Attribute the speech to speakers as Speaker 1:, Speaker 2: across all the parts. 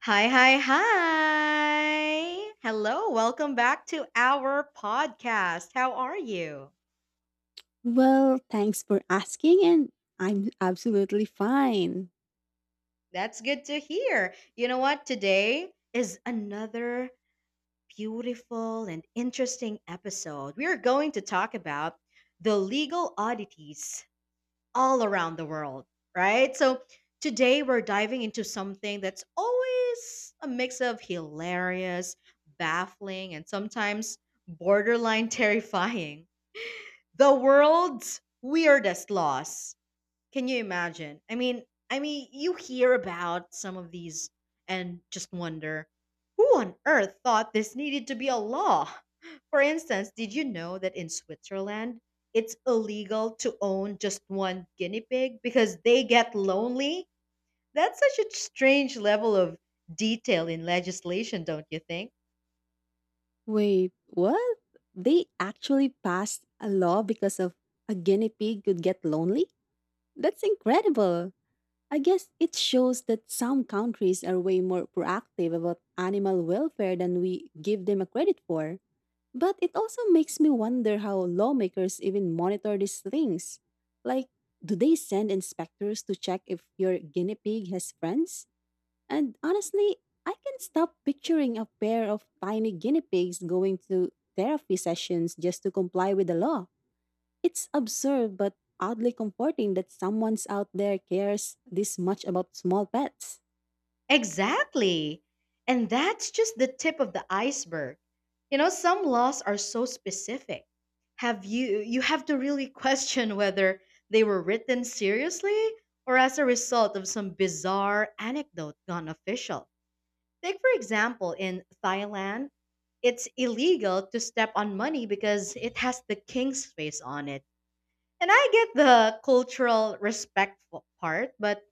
Speaker 1: Hi. Hello, welcome back to our podcast. How are you?
Speaker 2: Well, thanks for asking, and I'm absolutely fine.
Speaker 1: That's good to hear. You know what? Today is another beautiful and interesting episode. We are going to talk about the legal oddities all around the world, right? So, today we're diving into something that's always a mix of hilarious, baffling, and sometimes borderline terrifying. The world's weirdest loss. Can you imagine? I mean, you hear about some of these and just wonder, who on earth thought this needed to be a law? For instance, did you know that in Switzerland, it's illegal to own just one guinea pig because they get lonely? That's such a strange level of detail in legislation, don't you think?
Speaker 2: Wait, what? They actually passed a law because of a guinea pig could get lonely? That's incredible. I guess it shows that some countries are way more proactive about animal welfare than we give them a credit for. But it also makes me wonder how lawmakers even monitor these things. Like, do they send inspectors to check if your guinea pig has friends? And honestly, I can stop picturing a pair of tiny guinea pigs going to therapy sessions just to comply with the law. It's absurd but oddly comforting that someone's out there cares this much about small pets.
Speaker 1: Exactly. And that's just the tip of the iceberg. You know, some laws are so specific. Have you you have to really question whether they were written seriously or as a result of some bizarre anecdote gone official. Take for example in Thailand, it's illegal to step on money because it has the king's face on it. And I get the cultural respect part, but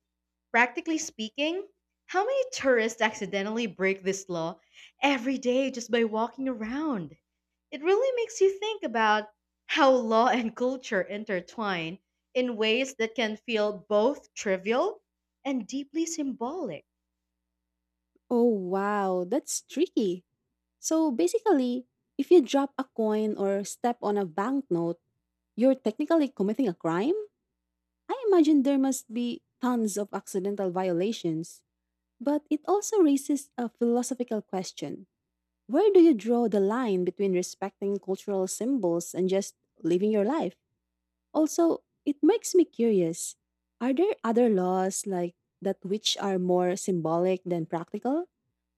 Speaker 1: practically speaking, how many tourists accidentally break this law every day just by walking around? It really makes you think about how law and culture intertwine in ways that can feel both trivial and deeply symbolic.
Speaker 2: Oh wow, that's tricky. So basically, if you drop a coin or step on a banknote, you're technically committing a crime? I imagine there must be tons of accidental violations. But it also raises a philosophical question. Where do you draw the line between respecting cultural symbols and just living your life? Also, it makes me curious. Are there other laws like that which are more symbolic than practical?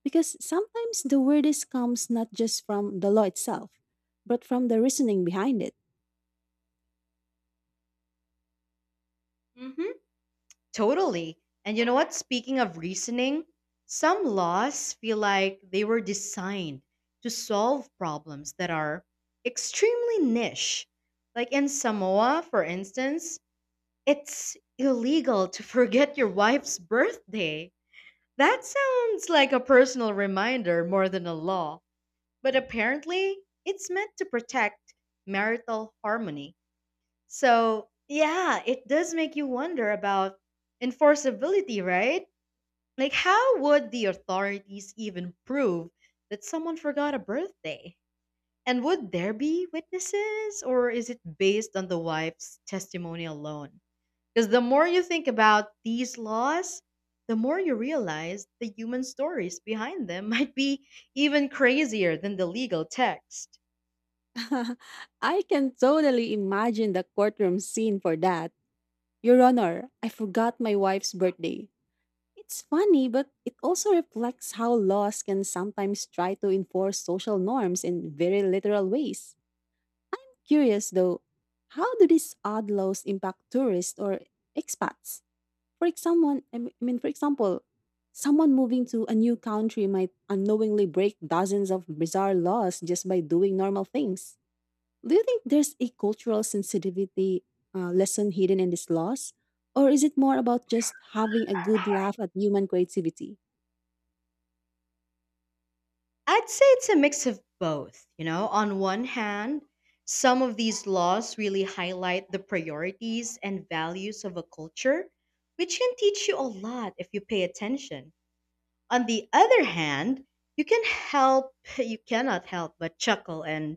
Speaker 2: Because sometimes the weirdest comes not just from the law itself, but from the reasoning behind it.
Speaker 1: hmm Totally. And you know what? Speaking of reasoning, some laws feel like they were designed to solve problems that are extremely niche. Like in Samoa, for instance, it's illegal to forget your wife's birthday. That sounds like a personal reminder more than a law, but apparently it's meant to protect marital harmony. So, yeah, it does make you wonder about enforceability, right? Like, how would the authorities even prove that someone forgot a birthday? And would there be witnesses, or is it based on the wife's testimony alone? Because the more you think about these laws, the more you realize the human stories behind them might be even crazier than the legal text.
Speaker 2: I can totally imagine the courtroom scene for that. Your Honor, I forgot my wife's birthday. It's funny, but it also reflects how laws can sometimes try to enforce social norms in very literal ways. Curious though, how do these odd laws impact tourists or expats? For example, I m- I mean, for example, someone moving to a new country might unknowingly break dozens of bizarre laws just by doing normal things. Do you think there's a cultural sensitivity lesson hidden in these laws? Or is it more about just having a good laugh at human creativity?
Speaker 1: I'd say it's a mix of both. You know, on one hand, some of these laws really highlight the priorities and values of a culture, which can teach you a lot if you pay attention. On the other hand, you can help you cannot help but chuckle and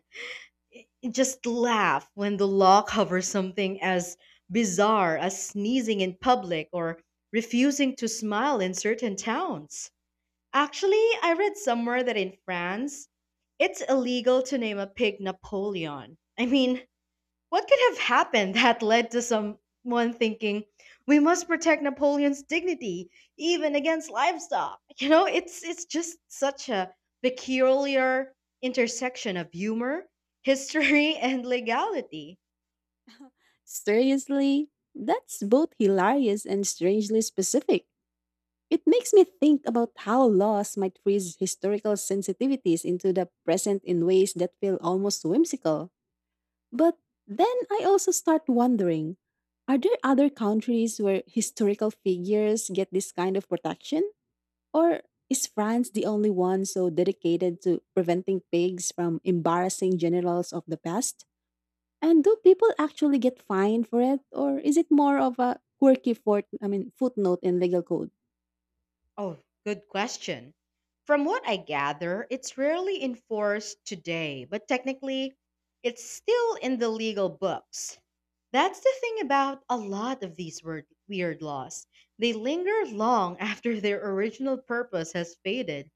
Speaker 1: just laugh when the law covers something as bizarre as sneezing in public or refusing to smile in certain towns. Actually, I read somewhere that in France, it's illegal to name a pig Napoleon. I mean, what could have happened that led to someone thinking, we must protect Napoleon's dignity even against livestock? You know, it's just such a peculiar intersection of humor, history, and legality.
Speaker 2: Seriously, that's both hilarious and strangely specific. It makes me think about how laws might freeze historical sensitivities into the present in ways that feel almost whimsical. But then I also start wondering, are there other countries where historical figures get this kind of protection? Or is France the only one so dedicated to preventing pigs from embarrassing generals of the past? And do people actually get fined for it, or is it more of a quirky footnote in legal code?
Speaker 1: Oh, good question. From what I gather, it's rarely enforced today, but technically it's still in the legal books. That's the thing about a lot of these weird laws. They linger long after their original purpose has faded.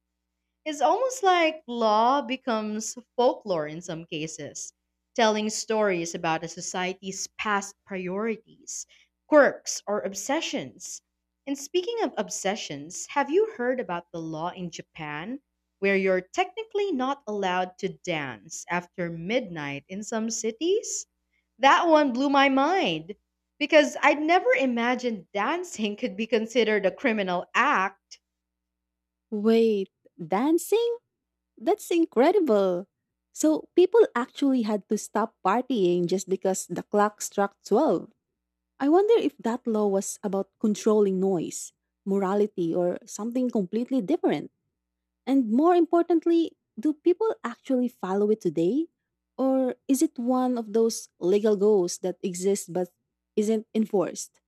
Speaker 1: It's almost like law becomes folklore in some cases, telling stories about a society's past priorities, quirks, or obsessions. And speaking of obsessions, have you heard about the law in Japan where you're technically not allowed to dance after midnight in some cities? That one blew my mind because I'd never imagined dancing could be considered a criminal act.
Speaker 2: Wait, dancing? That's incredible. So people actually had to stop partying just because the clock struck twelve. I wonder if that law was about controlling noise, morality, or something completely different. And more importantly, do people actually follow it today? Or is it one of those legal goals that exists but isn't enforced?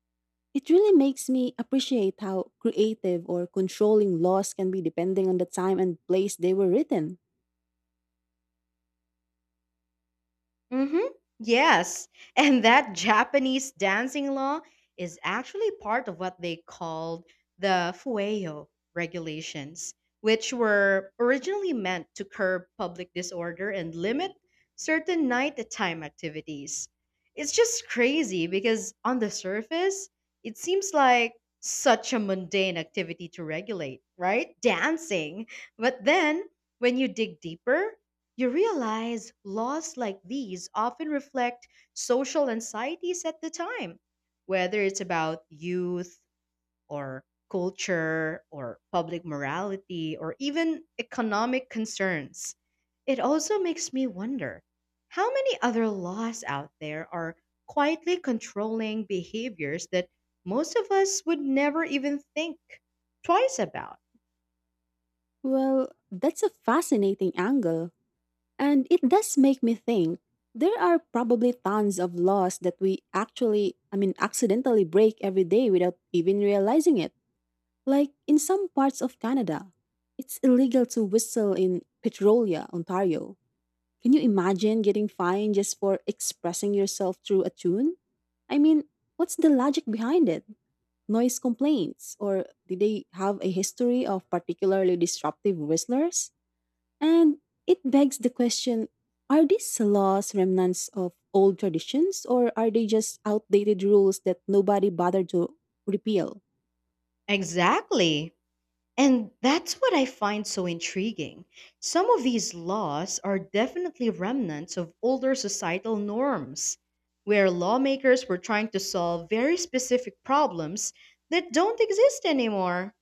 Speaker 2: It really makes me appreciate how creative or controlling laws can be depending on the time and place they were written.
Speaker 1: Mm-hmm. Yes. And that Japanese dancing law is actually part of what they called the Fueyo regulations, which were originally meant to curb public disorder and limit certain nighttime activities. It's just crazy because on the surface, it seems like such a mundane activity to regulate, right? Dancing. But then when you dig deeper, you realize laws like these often reflect social anxieties at the time, whether it's about youth or culture or public morality or even economic concerns. It also makes me wonder how many other laws out there are quietly controlling behaviors that most of us would never even think twice about.
Speaker 2: Well, that's a fascinating angle. And it does make me think there are probably tons of laws that we accidentally break every day without even realizing it. Like in some parts of Canada, it's illegal to whistle in Petrolia, Ontario. Can you imagine getting fined just for expressing yourself through a tune? I mean, what's the logic behind it? Noise complaints? Or did they have a history of particularly disruptive whistlers? And it begs the question, are these laws remnants of old traditions, or are they just outdated rules that nobody bothered to repeal?
Speaker 1: Exactly. And that's what I find so intriguing. Some of these laws are definitely remnants of older societal norms, where lawmakers were trying to solve very specific problems that don't exist anymore.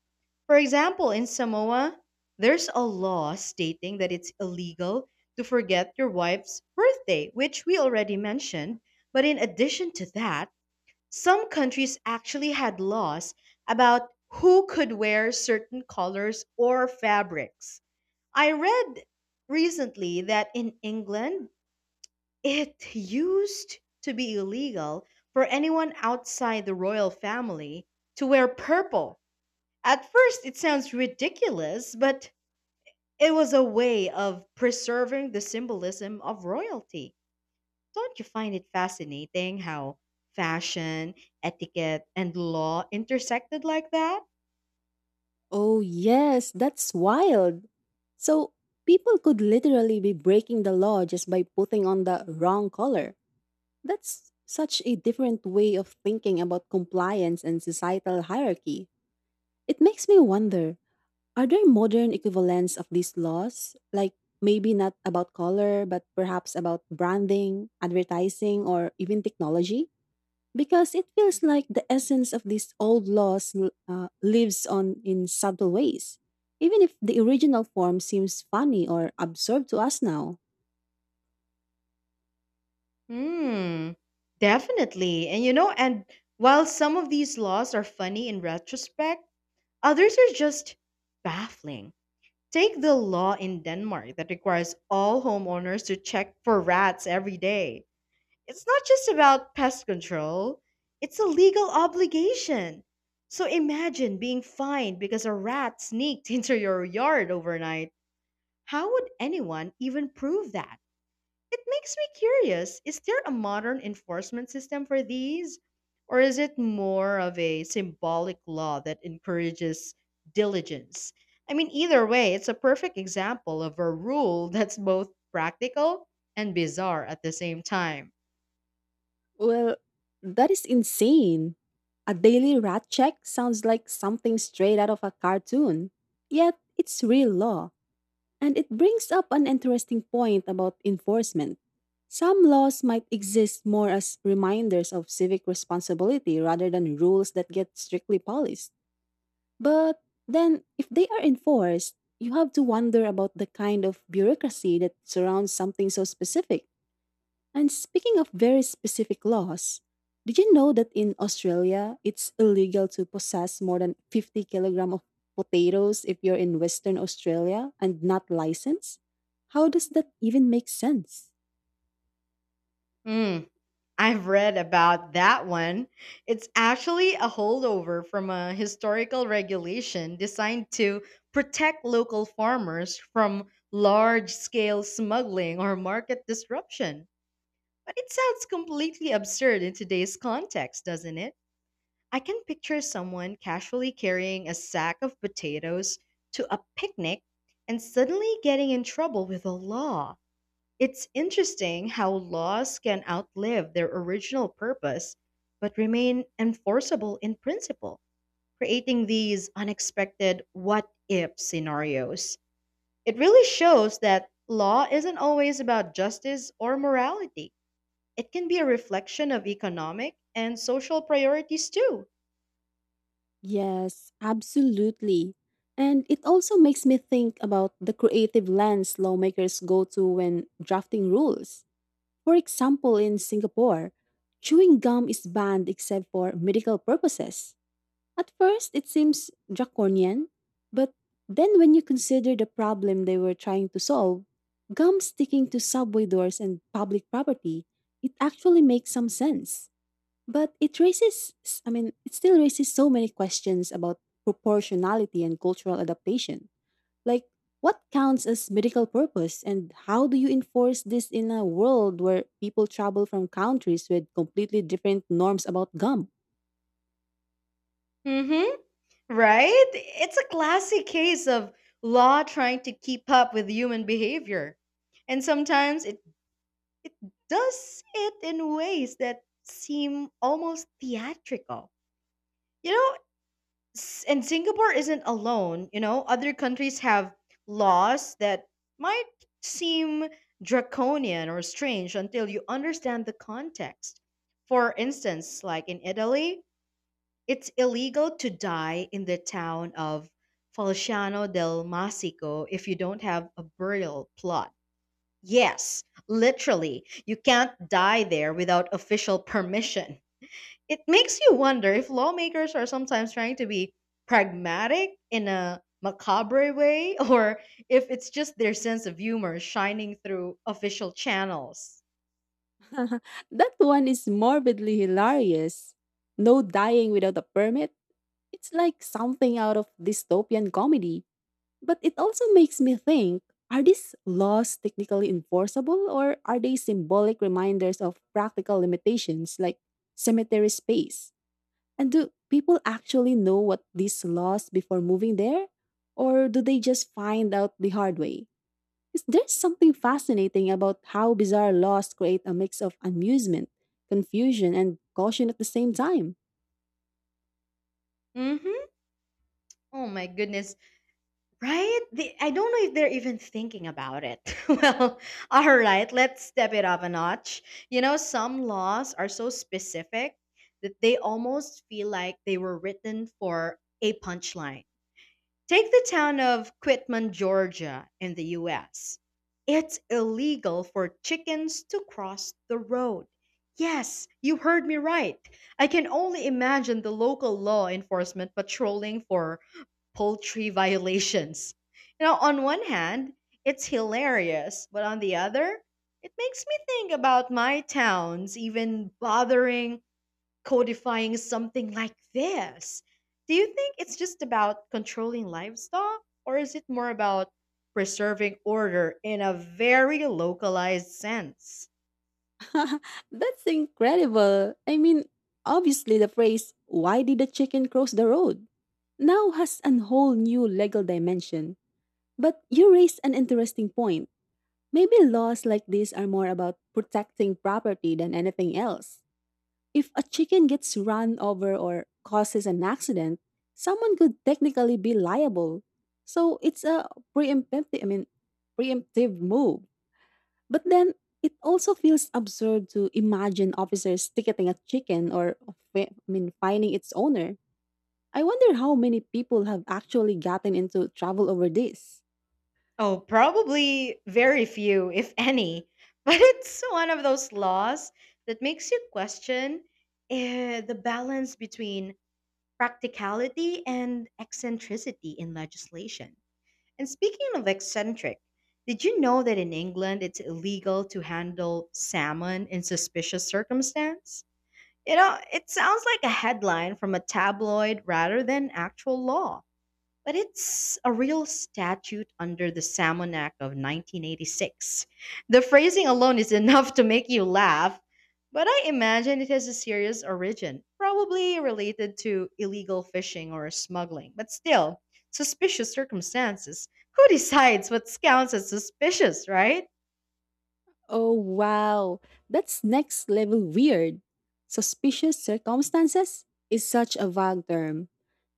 Speaker 1: For example, in Samoa, there's a law stating that it's illegal to forget your wife's birthday, which we already mentioned. But in addition to that, some countries actually had laws about who could wear certain colors or fabrics. I read recently that in England, it used to be illegal for anyone outside the royal family to wear purple. At first, it sounds ridiculous, but it was a way of preserving the symbolism of royalty. Don't you find it fascinating how fashion, etiquette, and law intersected like that?
Speaker 2: Oh, yes, that's wild. So, people could literally be breaking the law just by putting on the wrong color. That's such a different way of thinking about compliance and societal hierarchy. It makes me wonder, are there modern equivalents of these laws? Like maybe not about color, but perhaps about branding, advertising, or even technology? Because it feels like the essence of these old laws lives on in subtle ways, even if the original form seems funny or absurd to us now.
Speaker 1: Hmm, definitely. And you know, and while some of these laws are funny in retrospect, others are just baffling. Take the law in Denmark that requires all homeowners to check for rats every day. It's not just about pest control, it's a legal obligation. So imagine being fined because a rat sneaked into your yard overnight. How would anyone even prove that? It makes me curious. Is there a modern enforcement system for these? Or is it more of a symbolic law that encourages diligence? I mean, either way, it's a perfect example of a rule that's both practical and bizarre at the same time.
Speaker 2: Well, that is insane. A daily rat check sounds like something straight out of a cartoon, yet it's real law, and it brings up an interesting point about enforcement. Some laws might exist more as reminders of civic responsibility rather than rules that get strictly polished. But then, if they are enforced, you have to wonder about the kind of bureaucracy that surrounds something so specific. And speaking of very specific laws, did you know that in Australia, it's illegal to possess more than 50 kilogram of potatoes if you're in Western Australia and not licensed? How does that even make sense?
Speaker 1: Hmm. I've read about that one. It's actually a holdover from a historical regulation designed to protect local farmers from large scale smuggling or market disruption. But it sounds completely absurd in today's context, doesn't it? I can picture someone casually carrying a sack of potatoes to a picnic and suddenly getting in trouble with the law. It's interesting how laws can outlive their original purpose but remain enforceable in principle, creating these unexpected what if scenarios. It really shows that law isn't always about justice or morality, it can be a reflection of economic and social priorities too.
Speaker 2: Yes, absolutely. And it also makes me think about the creative lens lawmakers go to when drafting rules. For example, in Singapore, chewing gum is banned except for medical purposes. At first, it seems draconian, but then when you consider the problem they were trying to solve, gum sticking to subway doors and public property, it actually makes some sense. But it it still raises so many questions about proportionality and cultural adaptation. Like, what counts as medical purpose, and how do you enforce this in a world where people travel from countries with completely different norms about gum?
Speaker 1: hmm. Right? It's a classic case of law trying to keep up with human behavior. And sometimes it does it in ways that seem almost theatrical. You know, and Singapore isn't alone. You know, other countries have laws that might seem draconian or strange until you understand the context. For instance, like in Italy, it's illegal to die in the town of Falciano del Masico if you don't have a burial plot. Yes, literally. You can't die there without official permission. It makes you wonder if lawmakers are sometimes trying to be pragmatic in a macabre way or if it's just their sense of humor shining through official channels.
Speaker 2: That one is morbidly hilarious. No dying without a permit? It's like something out of dystopian comedy. But it also makes me think, are these laws technically enforceable or are they symbolic reminders of practical limitations like cemetery space? And do people actually know what these laws before moving there? Or do they just find out the hard way? Is there something fascinating about how bizarre laws create a mix of amusement, confusion, and caution at the same time?
Speaker 1: Mhm. Oh my goodness. Right? The I don't know if they're even thinking about it. Well, all right, let's step it up a notch. You know, some laws are so specific that they almost feel like they were written for a punchline. Take the town of Quitman, Georgia, in the US. It's illegal for chickens to cross the road. Yes, you heard me right. I can only imagine the local law enforcement patrolling for poultry violations. You know, on one hand, it's hilarious, but on the other, it makes me think about my towns even bothering codifying something like this. Do you think it's just about controlling livestock, or is it more about preserving order in a very localized sense?
Speaker 2: That's incredible. I mean, obviously, the phrase, why did the chicken cross the road? Now has a whole new legal dimension. But you raise an interesting point. Maybe laws like these are more about protecting property than anything else. If a chicken gets run over or causes an accident, someone could technically be liable. So it's a preemptive, I mean, preemptive move. But then it also feels absurd to imagine officers ticketing a chicken or finding its owner. I wonder how many people have actually gotten into trouble over this.
Speaker 1: Oh, probably very few, if any. But it's one of those laws that makes you question the balance between practicality and eccentricity in legislation. And speaking of eccentric, did you know that in England it's illegal to handle salmon in suspicious circumstance? You know, it sounds like a headline from a tabloid rather than actual law. But it's a real statute under the Salmon Act of 1986. The phrasing alone is enough to make you laugh, but I imagine it has a serious origin, probably related to illegal fishing or smuggling. But still, suspicious circumstances. Who decides what counts as suspicious, right?
Speaker 2: Oh, wow. That's next level weird. Suspicious circumstances is such a vague term.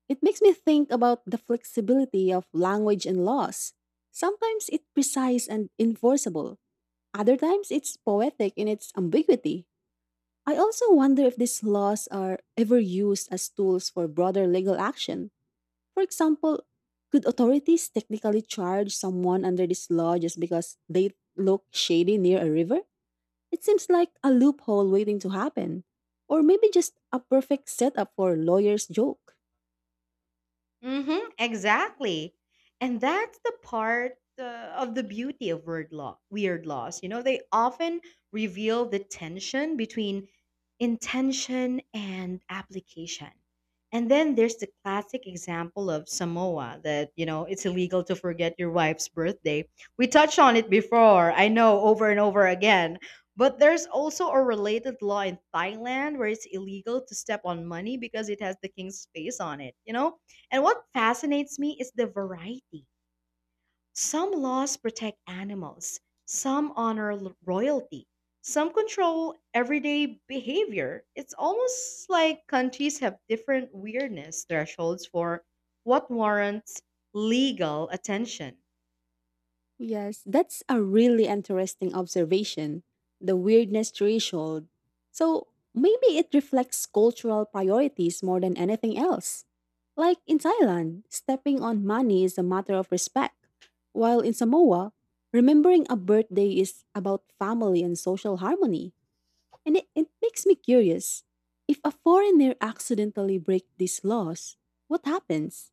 Speaker 2: It makes me think about the flexibility of language and laws. Sometimes it's precise and enforceable, other times it's poetic in its ambiguity. I also wonder if these laws are ever used as tools for broader legal action. For example, could authorities technically charge someone under this law just because they look shady near a river? It seems like a loophole waiting to happen, or maybe just a perfect setup for a lawyer's joke.
Speaker 1: Mm-hmm, exactly. And that's the part of the beauty of weird laws. You know, they often reveal the tension between intention and application. And then there's the classic example of Samoa that, you know, it's illegal to forget your wife's birthday. We touched on it before, I know, over and over again. But there's also a related law in Thailand where it's illegal to step on money because it has the king's face on it, you know? And what fascinates me is the variety. Some laws protect animals, some honor royalty, some control everyday behavior. It's almost like countries have different weirdness thresholds for what warrants legal attention.
Speaker 2: Yes, that's a really interesting observation. The weirdness threshold. So maybe it reflects cultural priorities more than anything else. Like in Thailand, stepping on money is a matter of respect, while in Samoa, remembering a birthday is about family and social harmony. And it makes me curious. If a foreigner accidentally breaks these laws, what happens?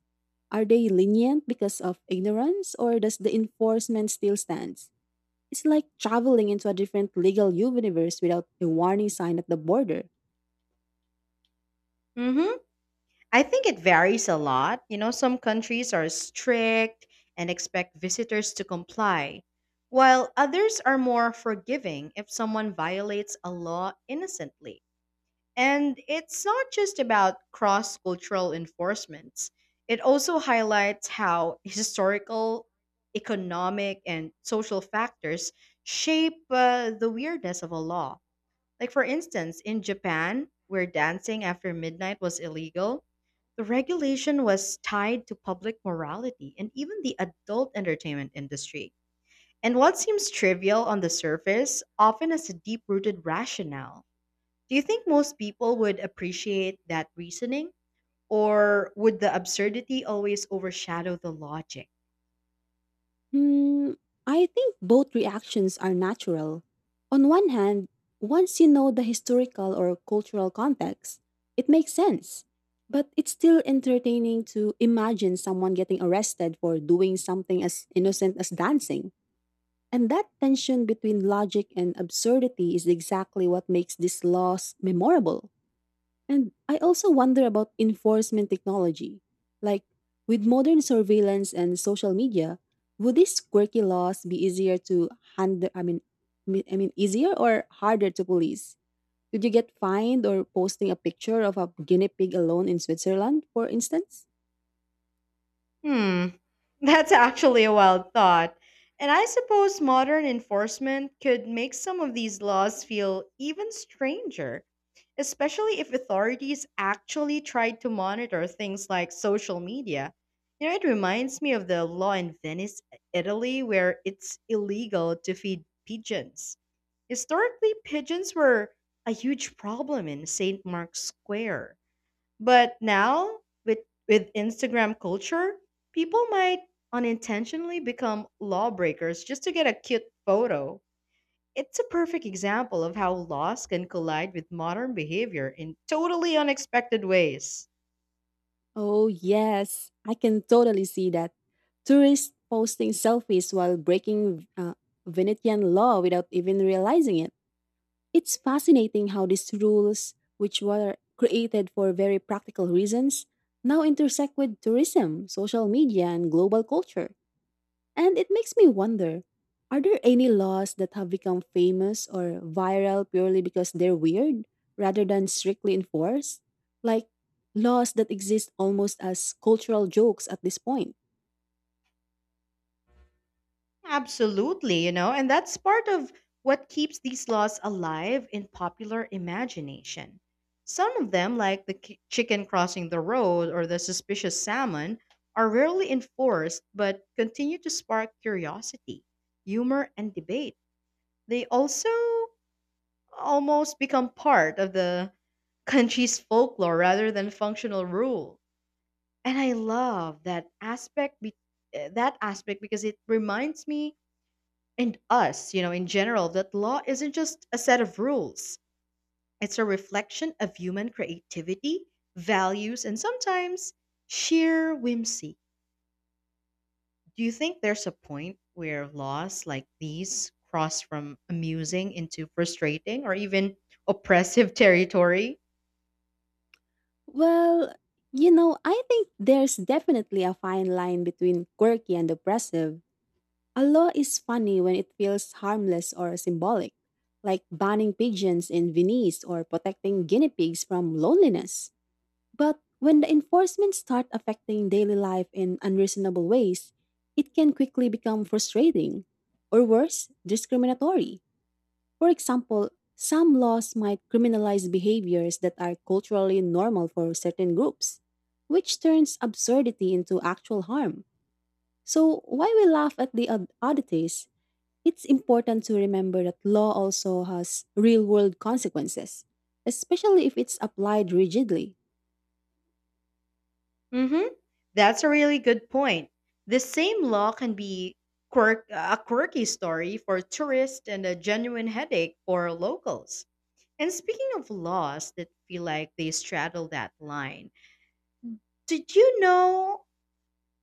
Speaker 2: Are they lenient because of ignorance or does the enforcement still stands? It's like traveling into a different legal universe without a warning sign at the border.
Speaker 1: hmm I think it varies a lot. You know, some countries are strict and expect visitors to comply, while others are more forgiving if someone violates a law innocently. And it's not just about cross cultural enforcements, it also highlights how historical, economic, and social factors shape the weirdness of a law. Like, for instance, in Japan, where dancing after midnight was illegal, the regulation was tied to public morality and even the adult entertainment industry. And what seems trivial on the surface often has a deep rooted rationale. Do you think most people would appreciate that reasoning? Or would the absurdity always overshadow the logic?
Speaker 2: Hmm, I think both reactions are natural. On one hand, once you know the historical or cultural context, it makes sense. But it's still entertaining to imagine someone getting arrested for doing something as innocent as dancing. And that tension between logic and absurdity is exactly what makes these laws memorable. And I also wonder about enforcement technology. Like, with modern surveillance and social media, would these quirky laws be easier to handle? I mean, me- I mean, easier or harder to police? Could you get fined or posting a picture of a guinea pig alone in Switzerland, for instance?
Speaker 1: Hmm. That's actually a wild thought. And I suppose modern enforcement could make some of these laws feel even stranger, especially if authorities actually tried to monitor things like social media. You know, it reminds me of the law in Venice, Italy, where it's illegal to feed pigeons. Historically, pigeons were a huge problem in St. Mark's Square. But now, with with Instagram culture, people might unintentionally become lawbreakers just to get a cute photo. It's a perfect example of how laws can collide with modern behavior in totally unexpected ways.
Speaker 2: Oh, yes, I can totally see that. Tourists posting selfies while breaking Venetian law without even realizing it. It's fascinating how these rules, which were created for very practical reasons, now intersect with tourism, social media, and global culture. And it makes me wonder, are there any laws that have become famous or viral purely because they're weird rather than strictly enforced? Like laws that exist almost as cultural jokes at this point?
Speaker 1: Absolutely, you know, and that's part of what keeps these laws alive in popular imagination. Some of them, like the chicken crossing the road or the suspicious salmon, are rarely enforced but continue to spark curiosity, humor, and debate. They also almost become part of the country's folklore rather than functional rule. And I love that that aspect because it reminds me and us, you know, in general, that law isn't just a set of rules. It's a reflection of human creativity, values, and sometimes sheer whimsy. Do you think there's a point where laws like these cross from amusing into frustrating or even oppressive territory?
Speaker 2: Well, you know, I think there's definitely a fine line between quirky and oppressive. A law is funny when it feels harmless or symbolic, like banning pigeons in Venice or protecting guinea pigs from loneliness. But when the enforcement start affecting daily life in unreasonable ways, it can quickly become frustrating or worse, discriminatory. For example, some laws might criminalize behaviors that are culturally normal for certain groups, which turns absurdity into actual harm. So, why we laugh at the oddities, it's important to remember that law also has real world consequences, especially if it's applied rigidly.
Speaker 1: Hmm. That's a really good point. The same law can be a quirky story for tourists and a genuine headache for locals. And speaking of laws that feel like they straddle that line, did you know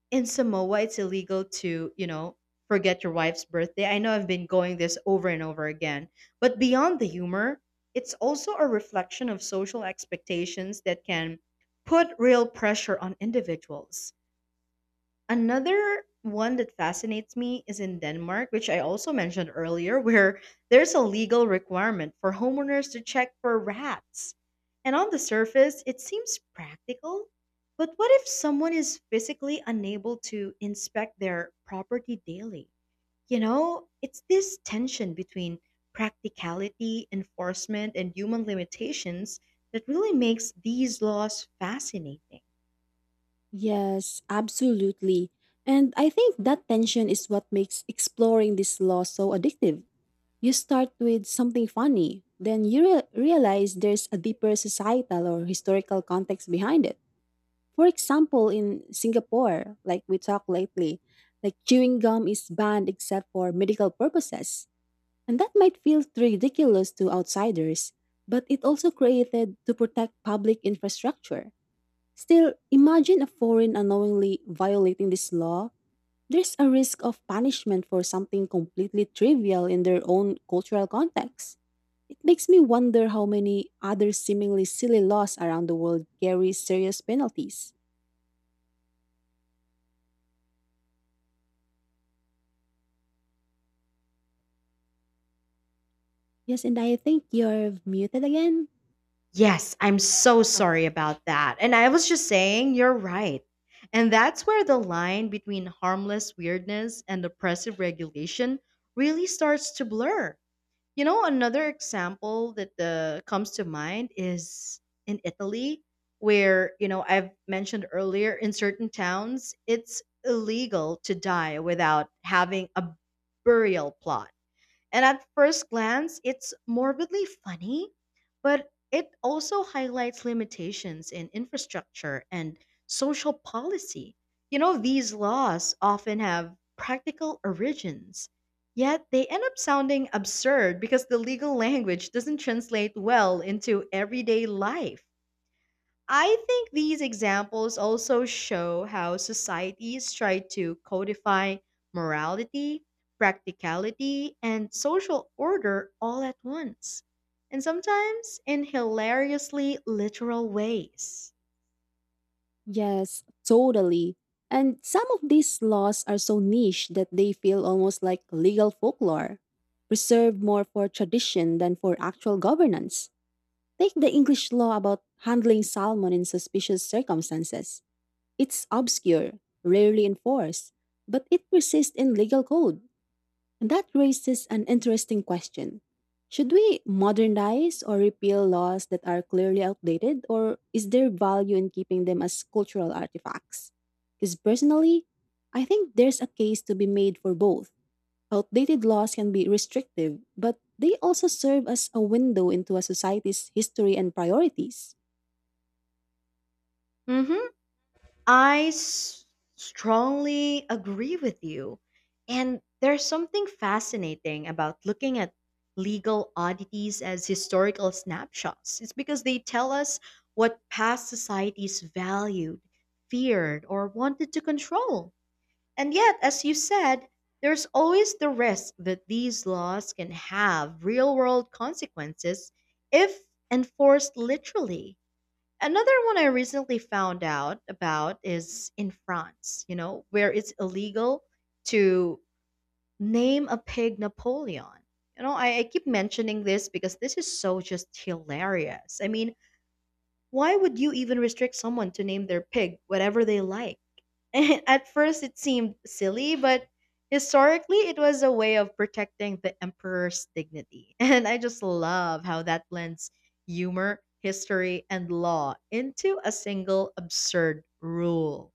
Speaker 1: in Samoa it's illegal to, you know, forget your wife's birthday? I know I've been going this over and over again, but beyond the humor, it's also a reflection of social expectations that can put real pressure on individuals. Another one that fascinates me is in Denmark, which I also mentioned earlier, where there's a legal requirement for homeowners to check for rats. And on the surface, it seems practical. But what if someone is physically unable to inspect their property daily? You know, it's this tension between practicality, enforcement, and human limitations that really makes these laws fascinating.
Speaker 2: Yes, absolutely. And I think that tension is what makes exploring this law so addictive. You start with something funny, then you realize there's a deeper societal or historical context behind it. For example, in Singapore, like we talked lately, like chewing gum is banned except for medical purposes. And that might feel ridiculous to outsiders, but it also created to protect public infrastructure. Still, imagine a foreign unknowingly violating this law. There's a risk of punishment for something completely trivial in their own cultural context. It makes me wonder how many other seemingly silly laws around the world carry serious penalties. Yes, and I think you're muted again.
Speaker 1: Yes, I'm so sorry about that. And I was just saying, you're right. And that's where the line between harmless weirdness and oppressive regulation really starts to blur. You know, another example that comes to mind is in Italy, where, you know, I've mentioned earlier, in certain towns, it's illegal to die without having a burial plot, and at first glance, it's morbidly funny, but it also highlights limitations in infrastructure and social policy. You know, these laws often have practical origins, yet they end up sounding absurd because the legal language doesn't translate well into everyday life. I think these examples also show how societies try to codify morality, practicality, and social order all at once, and sometimes in hilariously literal ways.
Speaker 2: Yes, totally. And some of these laws are so niche that they feel almost like legal folklore, preserved more for tradition than for actual governance. Take the English law about handling salmon in suspicious circumstances. It's obscure, rarely enforced, but it persists in legal code. And that raises an interesting question. Should we modernize or repeal laws that are clearly outdated, or is there value in keeping them as cultural artifacts? Because personally, I think there's a case to be made for both. Outdated laws can be restrictive, but they also serve as a window into a society's history and priorities.
Speaker 1: Hmm. I s- strongly agree with you. And there's something fascinating about looking at legal oddities as historical snapshots. It's because they tell us what past societies valued, feared, or wanted to control. And yet, as you said, there's always the risk that these laws can have real world consequences if enforced literally. Another one I recently found out about is in France, you know, where it's illegal to name a pig Napoleon. You know, I keep mentioning this because this is so just hilarious. I mean, why would you even restrict someone to name their pig whatever they like? At first, it seemed silly, but historically, it was a way of protecting the emperor's dignity. And I just love how that blends humor, history, and law into a single absurd rule.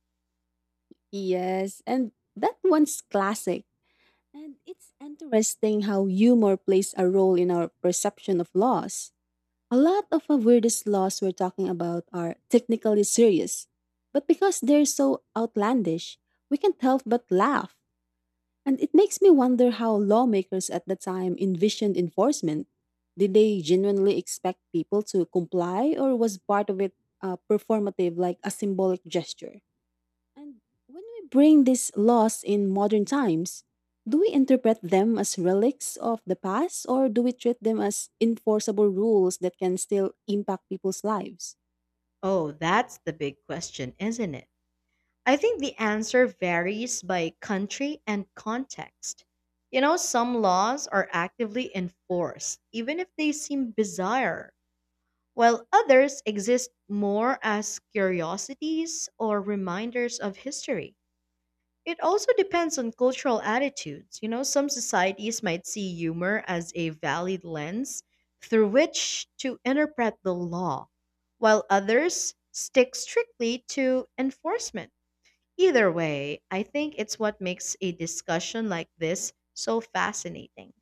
Speaker 2: Yes, and that one's classic. And it's interesting how humor plays a role in our perception of laws. A lot of our weirdest laws we're talking about are technically serious, but because they're so outlandish, we can't help but laugh. And it makes me wonder how lawmakers at the time envisioned enforcement. Did they genuinely expect people to comply, or was part of it performative like a symbolic gesture? And when we bring these laws in modern times, do we interpret them as relics of the past or do we treat them as enforceable rules that can still impact people's lives?
Speaker 1: Oh, that's the big question, isn't it? I think the answer varies by country and context. You know, some laws are actively enforced, even if they seem bizarre, while others exist more as curiosities or reminders of history. It also depends on cultural attitudes. You know, some societies might see humor as a valid lens through which to interpret the law, while others stick strictly to enforcement. Either way, I think it's what makes a discussion like this so fascinating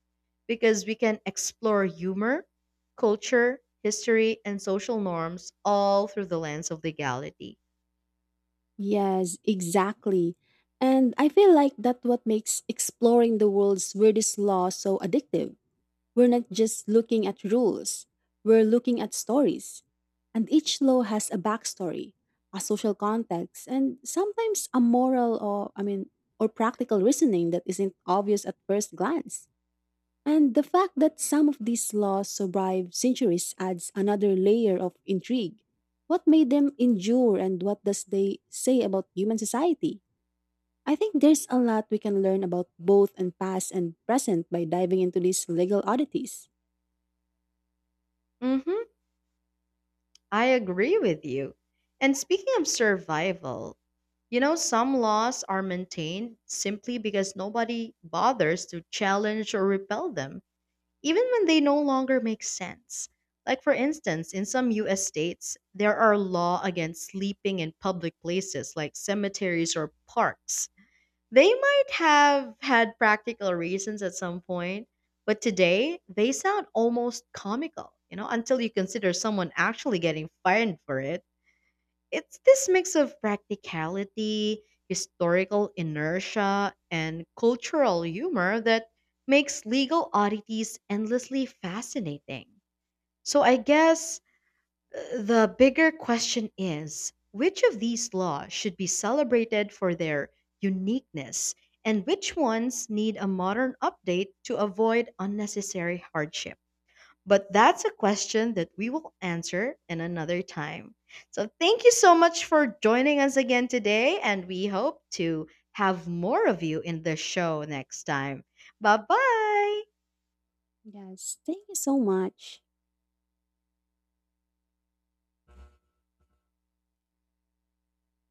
Speaker 1: because we can explore humor, culture, history, and social norms all through the lens of legality.
Speaker 2: Yes, exactly. And I feel like that's what makes exploring the world's weirdest laws so addictive. We're not just looking at rules, we're looking at stories. And each law has a backstory, a social context, and sometimes a moral or practical reasoning that isn't obvious at first glance. And the fact that some of these laws survive centuries adds another layer of intrigue. What made them endure and what does they say about human society? I think there's a lot we can learn about both and past and present by diving into these legal oddities.
Speaker 1: Hmm. I agree with you. And speaking of survival, you know, some laws are maintained simply because nobody bothers to challenge or repel them even when they no longer make sense. Like, for instance, in some US states, there are laws against sleeping in public places like cemeteries or parks. They might have had practical reasons at some point, but today they sound almost comical, you know, until you consider someone actually getting fined for it. It's this mix of practicality, historical inertia, and cultural humor that makes legal oddities endlessly fascinating. So I guess the bigger question is which of these laws should be celebrated for their uniqueness and which ones need a modern update to avoid unnecessary hardship? But that's a question that we will answer in another time. So thank you so much for joining us again today, and we hope to have more of you in the show next time. Bye bye.
Speaker 2: Yes, thank you so much.